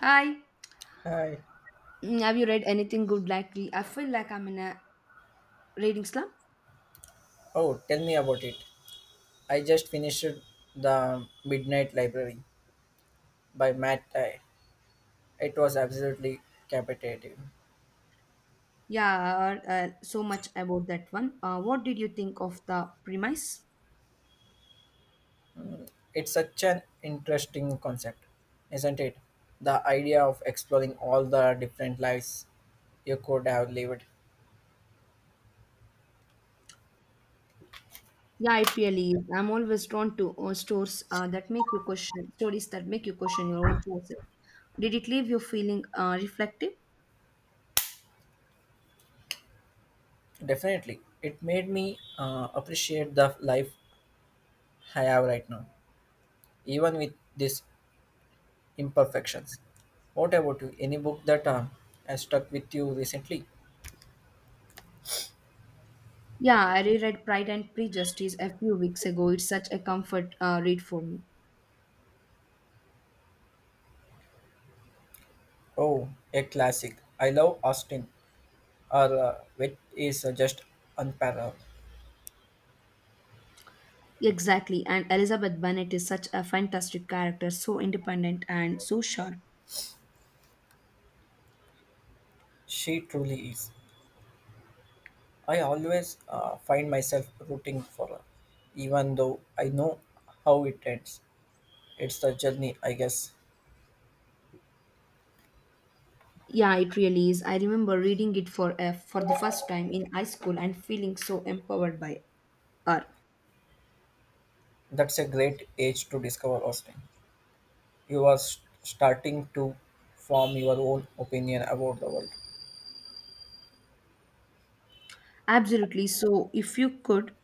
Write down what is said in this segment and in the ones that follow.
Hi. Hi. Have you read anything good lately? I feel like I'm in a reading slump. Oh, tell me about it. I just finished The Midnight Library by Matt Dye. It was absolutely captivating. Yeah, so much about that one. What did you think of the premise? It's such an interesting concept, isn't it? The idea of exploring all the different lives you could have lived. Yeah, it really is. I'm always drawn to stores that make you question, stories that make you question your own choices. Did it leave you feeling reflective? Definitely. It made me appreciate the life I have right now, even with these imperfections. What about you? Any book that has stuck with you recently? Yeah, I reread Pride and Prejudice a few weeks ago. It's such a comfort read for me. Oh, a classic. I love Austin. Her wit is just unparalleled. Exactly, and Elizabeth Bennet is such a fantastic character, so independent and so sharp. She truly is. I always find myself rooting for her, even though I know how it ends. It's the journey, I guess. Yeah, it really is. I remember reading it for for the first time in high school and feeling so empowered by her. That's a great age to discover Austin. You are s starting to form your own opinion about the world. Absolutely. So, if you could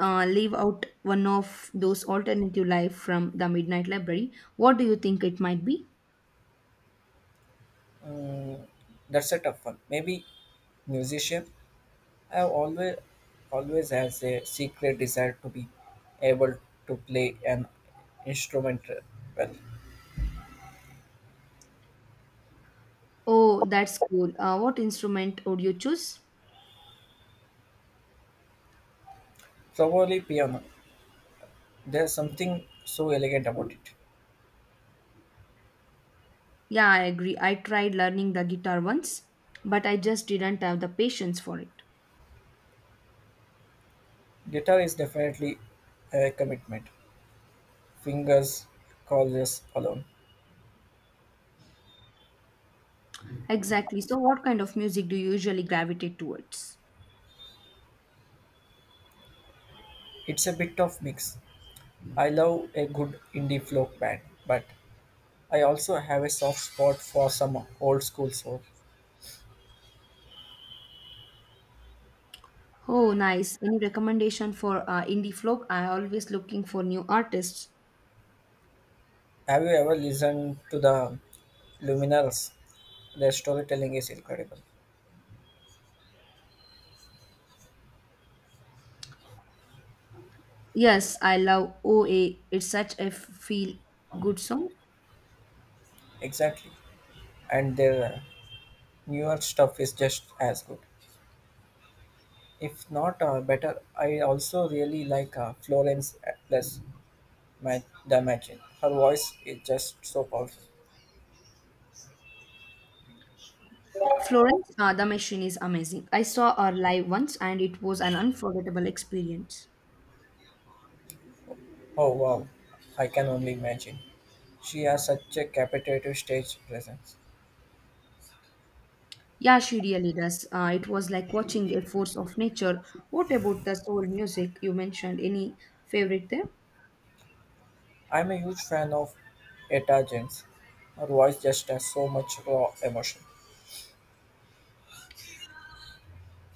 leave out one of those alternative life from the Midnight Library, what do you think it might be? Mm, that's a tough one. Maybe musician. I've always has a secret desire to be able to play an instrument well, Oh, that's cool. What instrument would you choose? probably piano. There's something so elegant about it. Yeah, I agree. I tried learning the guitar once, but I just didn't have the patience for it. Guitar is definitely a commitment. Fingers, calls alone. Exactly. So, what kind of music do you usually gravitate towards? It's a bit of mix. I love a good indie folk band, but I also have a soft spot for some old school soul. Oh, nice. Any recommendation for indie folk? I always looking for new artists. Have you ever listened to the Luminaires? Their storytelling is incredible. Yes, I love OA. It's such a feel good song. Exactly. And their newer stuff is just as good, if not better. I also really like Florence plus, Damagin. Her voice is just so powerful. The machine is amazing. I saw her live once and it was an unforgettable experience. Oh wow, I can only imagine. She has such a captivating stage presence. Yeah, she really does. It was like watching a force of nature. What about the soul music you mentioned? Any favorite there? I'm a huge fan of Etta James. Her voice just has so much raw emotion.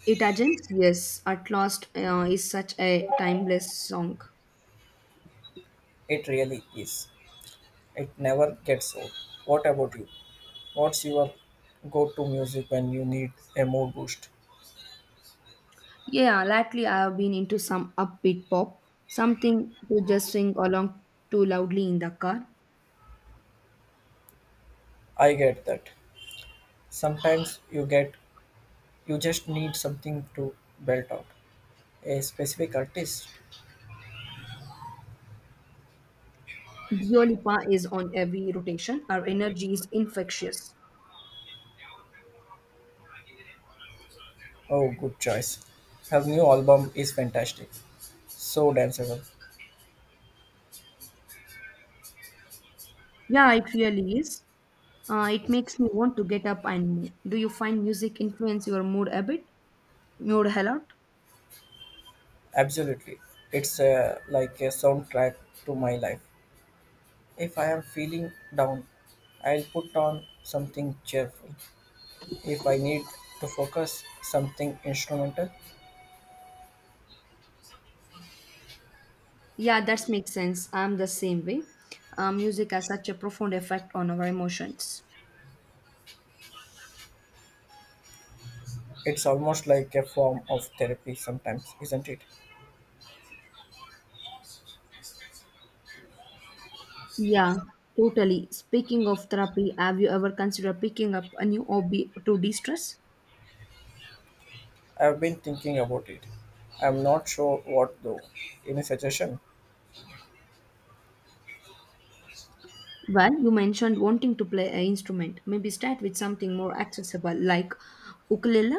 It agents, yes. At last is such a timeless song. It really is. It never gets old. What about you? What's your go to music when you need a mood boost? Yeah, lately I have been into some upbeat pop, something to just sing along to loudly in the car. I get that. Sometimes you just need something to belt out. A specific artist? Dua Lipa is on every rotation. Our energy is infectious. Oh good choice. Her new album is fantastic. So danceable. Yeah, it really is. It makes me want to get up and move. Do you find music influence your mood a bit? Mood a lot? Absolutely. It's like a soundtrack to my life. If I am feeling down, I'll put on something cheerful. If I need to focus, something instrumental. Yeah, that makes sense. I'm the same way. Music has such a profound effect on our emotions. It's almost like a form of therapy sometimes, isn't it? Yeah, totally. Speaking of therapy, have you ever considered picking up a new hobby to de stress? I've been thinking about it. I'm not sure what though. Any suggestion? Well, you mentioned wanting to play an instrument. Maybe start with something more accessible like ukulele.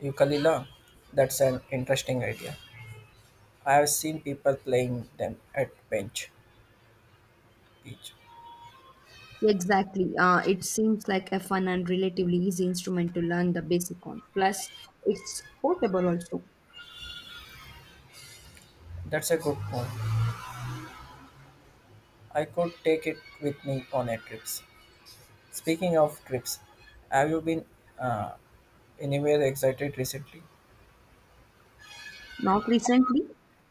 Ukulele? That's an interesting idea. I have seen people playing them at bench beach. Exactly. It seems like a fun and relatively easy instrument to learn the basic on. Plus, it's portable also. That's a good point. I could take it with me on a trip. Speaking of trips, have you been uh, anywhere excited recently? Not recently.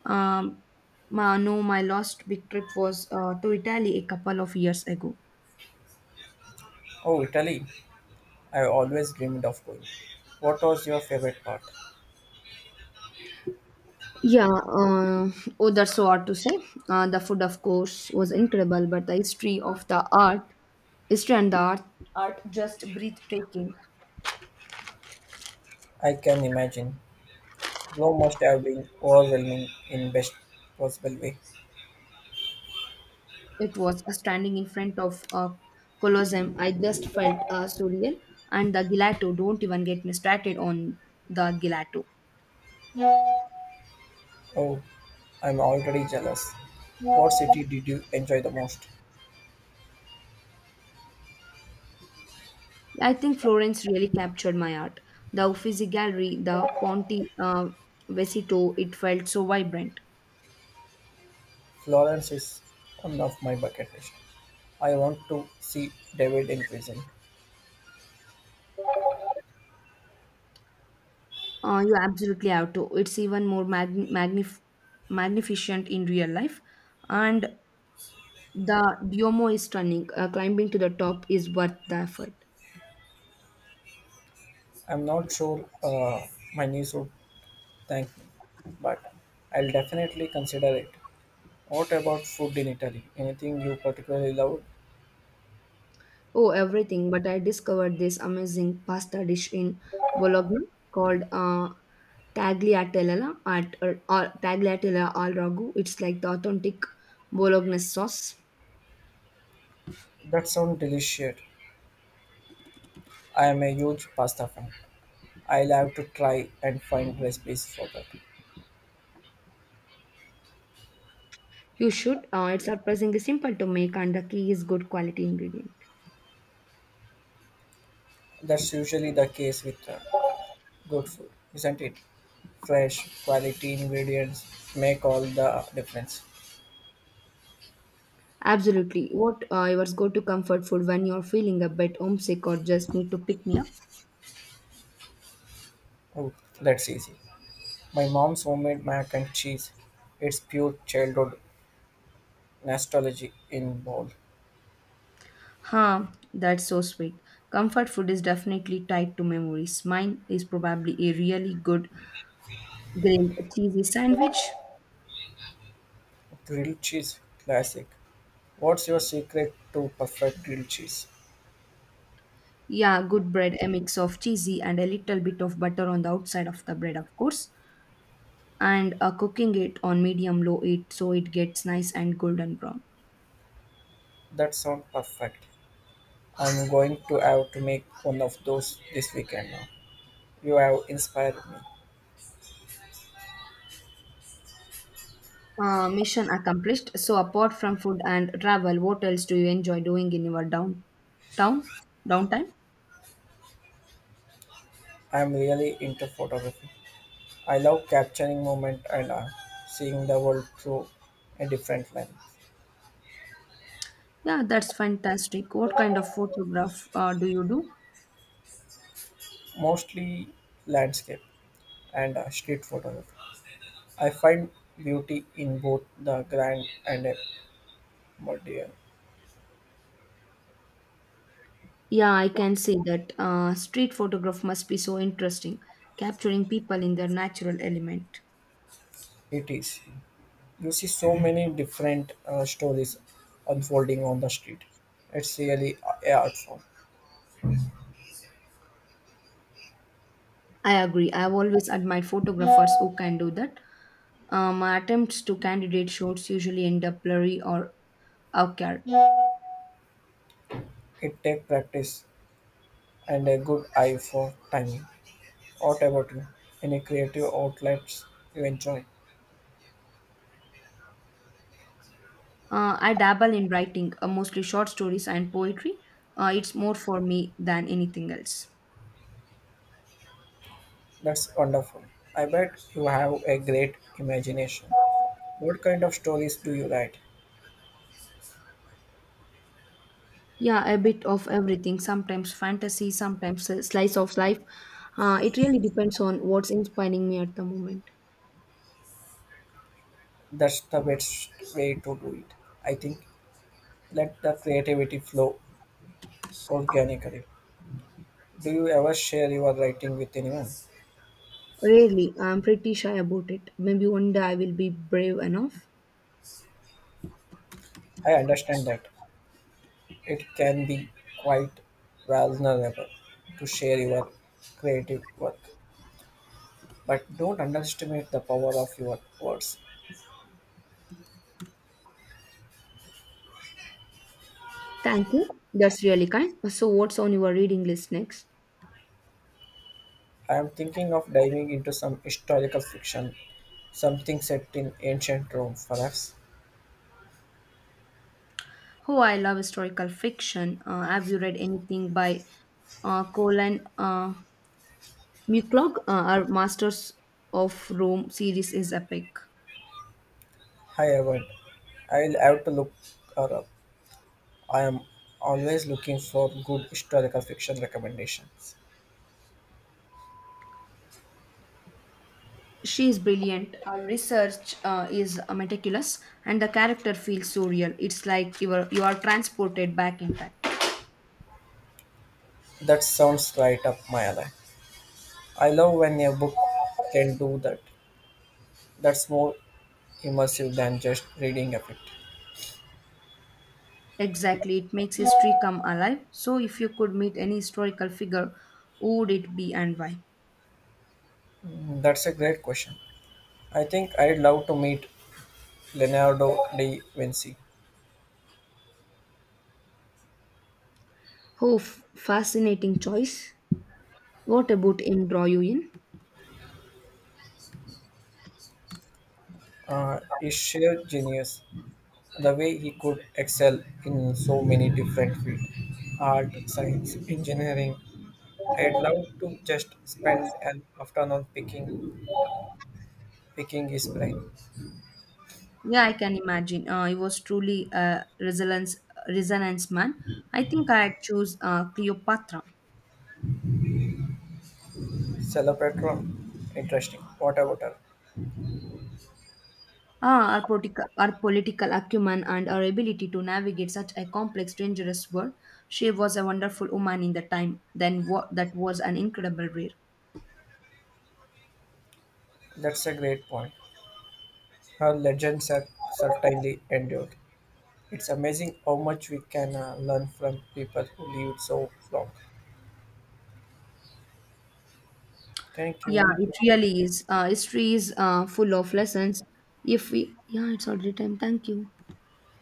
Um, ma, no, My last big trip was to Italy a couple of years ago. Oh, Italy! I always dreamed of going. What was your favorite part? Yeah, uh, oh, that's so hard to say. The food, of course, was incredible, but the history of the art, history and art just breathtaking. I can imagine. Blow must have been overwhelming in best possible way. It was standing in front of a Colosseum. I just felt surreal. And the gelato, don't even get me started on the gelato. Oh, I'm already jealous. What city did you enjoy the most? I think Florence really captured my art. The Uffizi Gallery, the Ponte Vecchio, it felt so vibrant. Florence is one of my bucket list. I want to see David in prison. You absolutely have to. It's even more magnificent in real life. And the Duomo is stunning. Climbing to the top is worth the effort. I'm not sure my niece would thank me, but I'll definitely consider it. What about food in Italy? Anything you particularly love? Oh, everything. But I discovered this amazing pasta dish in Bologna called tagliatella at, or tagliatella al ragu. It's like the authentic Bolognese sauce. That sounds delicious. I am a huge pasta fan. I'll have to try and find recipes for that. You should. It's surprisingly simple to make, and the key is good quality ingredient. That's usually the case with good food, isn't it? Fresh, quality ingredients make all the difference. Absolutely. What your go-to comfort food when you're feeling a bit homesick or just need to pick me up? Oh, that's easy. My mom's homemade mac and cheese. It's pure childhood nostalgia in bowl. Huh, that's so sweet. Comfort food is definitely tied to memories. Mine is probably a really good grilled cheesy sandwich. Grilled cheese, classic. What's your secret to perfect grilled cheese? Yeah, good bread, a mix of cheesy and a little bit of butter on the outside of the bread, of course. And cooking it on medium low heat so it gets nice and golden brown. That sounds perfect. I'm going to have to make one of those this weekend now. You have inspired me. Mission accomplished. So, apart from food and travel, what else do you enjoy doing in your downtown downtime? I'm really into photography. I love capturing moment and art, seeing the world through a different lens, Yeah, that's fantastic. What kind of photograph do you do? mostly landscape and street photography. I find beauty in both the grand and a mundane. Yeah, I can say that. Street photograph must be so interesting, capturing people in their natural element. It is. You see so many different stories unfolding on the street. It's really a art form. I agree. I've always admired photographers who can do that. My attempts to candidate shoots usually end up blurry or awkward. It takes practice and a good eye for timing. What about you? Any creative outlets you enjoy? I dabble in writing, mostly short stories and poetry. It's more for me than anything else. That's wonderful. I bet you have a great imagination. What kind of stories do you write? Yeah, a bit of everything. Sometimes fantasy, sometimes a slice of life. It really depends on what's inspiring me at the moment. That's the best way to do it. I think let the creativity flow organically. Do you ever share your writing with anyone? Really, I'm pretty shy about it. Maybe one day I will be brave enough. I understand that it can be quite vulnerable to share your creative work, but don't underestimate the power of your words. Thank you. That's really kind. So, what's on your reading list next? I am thinking of diving into some historical fiction, something set in ancient Rome, perhaps. Oh, I love historical fiction. Have you read anything by Colin? Muclog, our Masters of Rome series, is epic. However, I'll have to look her up. I am always looking for good historical fiction recommendations. She is brilliant. Her research is meticulous, and the character feels so real. It's like you are transported back in time. That sounds right up my alley. I love when a book can do that. That's more immersive than just reading of it. Exactly, it makes history come alive. So, if you could meet any historical figure, who would it be and why? That's a great question. I think I'd love to meet Leonardo da Vinci. Oh, fascinating choice. What about him draw you in? He's sheer genius. The way he could excel in so many different fields, art, science, engineering. I'd love to just spend an afternoon picking his brain. Yeah, I can imagine. He was truly a resonance man. I think I'd choose Cleopatra. Celebratory, interesting, what about her? Ah, our political acumen and our ability to navigate such a complex, dangerous world. She was a wonderful woman in the time. Then what? That was an incredible rare. That's a great point. Her legends are certainly endured. It's amazing how much we can learn from people who lived so long. Thank Yeah, you. it really is. History is full of lessons. If we, yeah, it's already time. Thank you.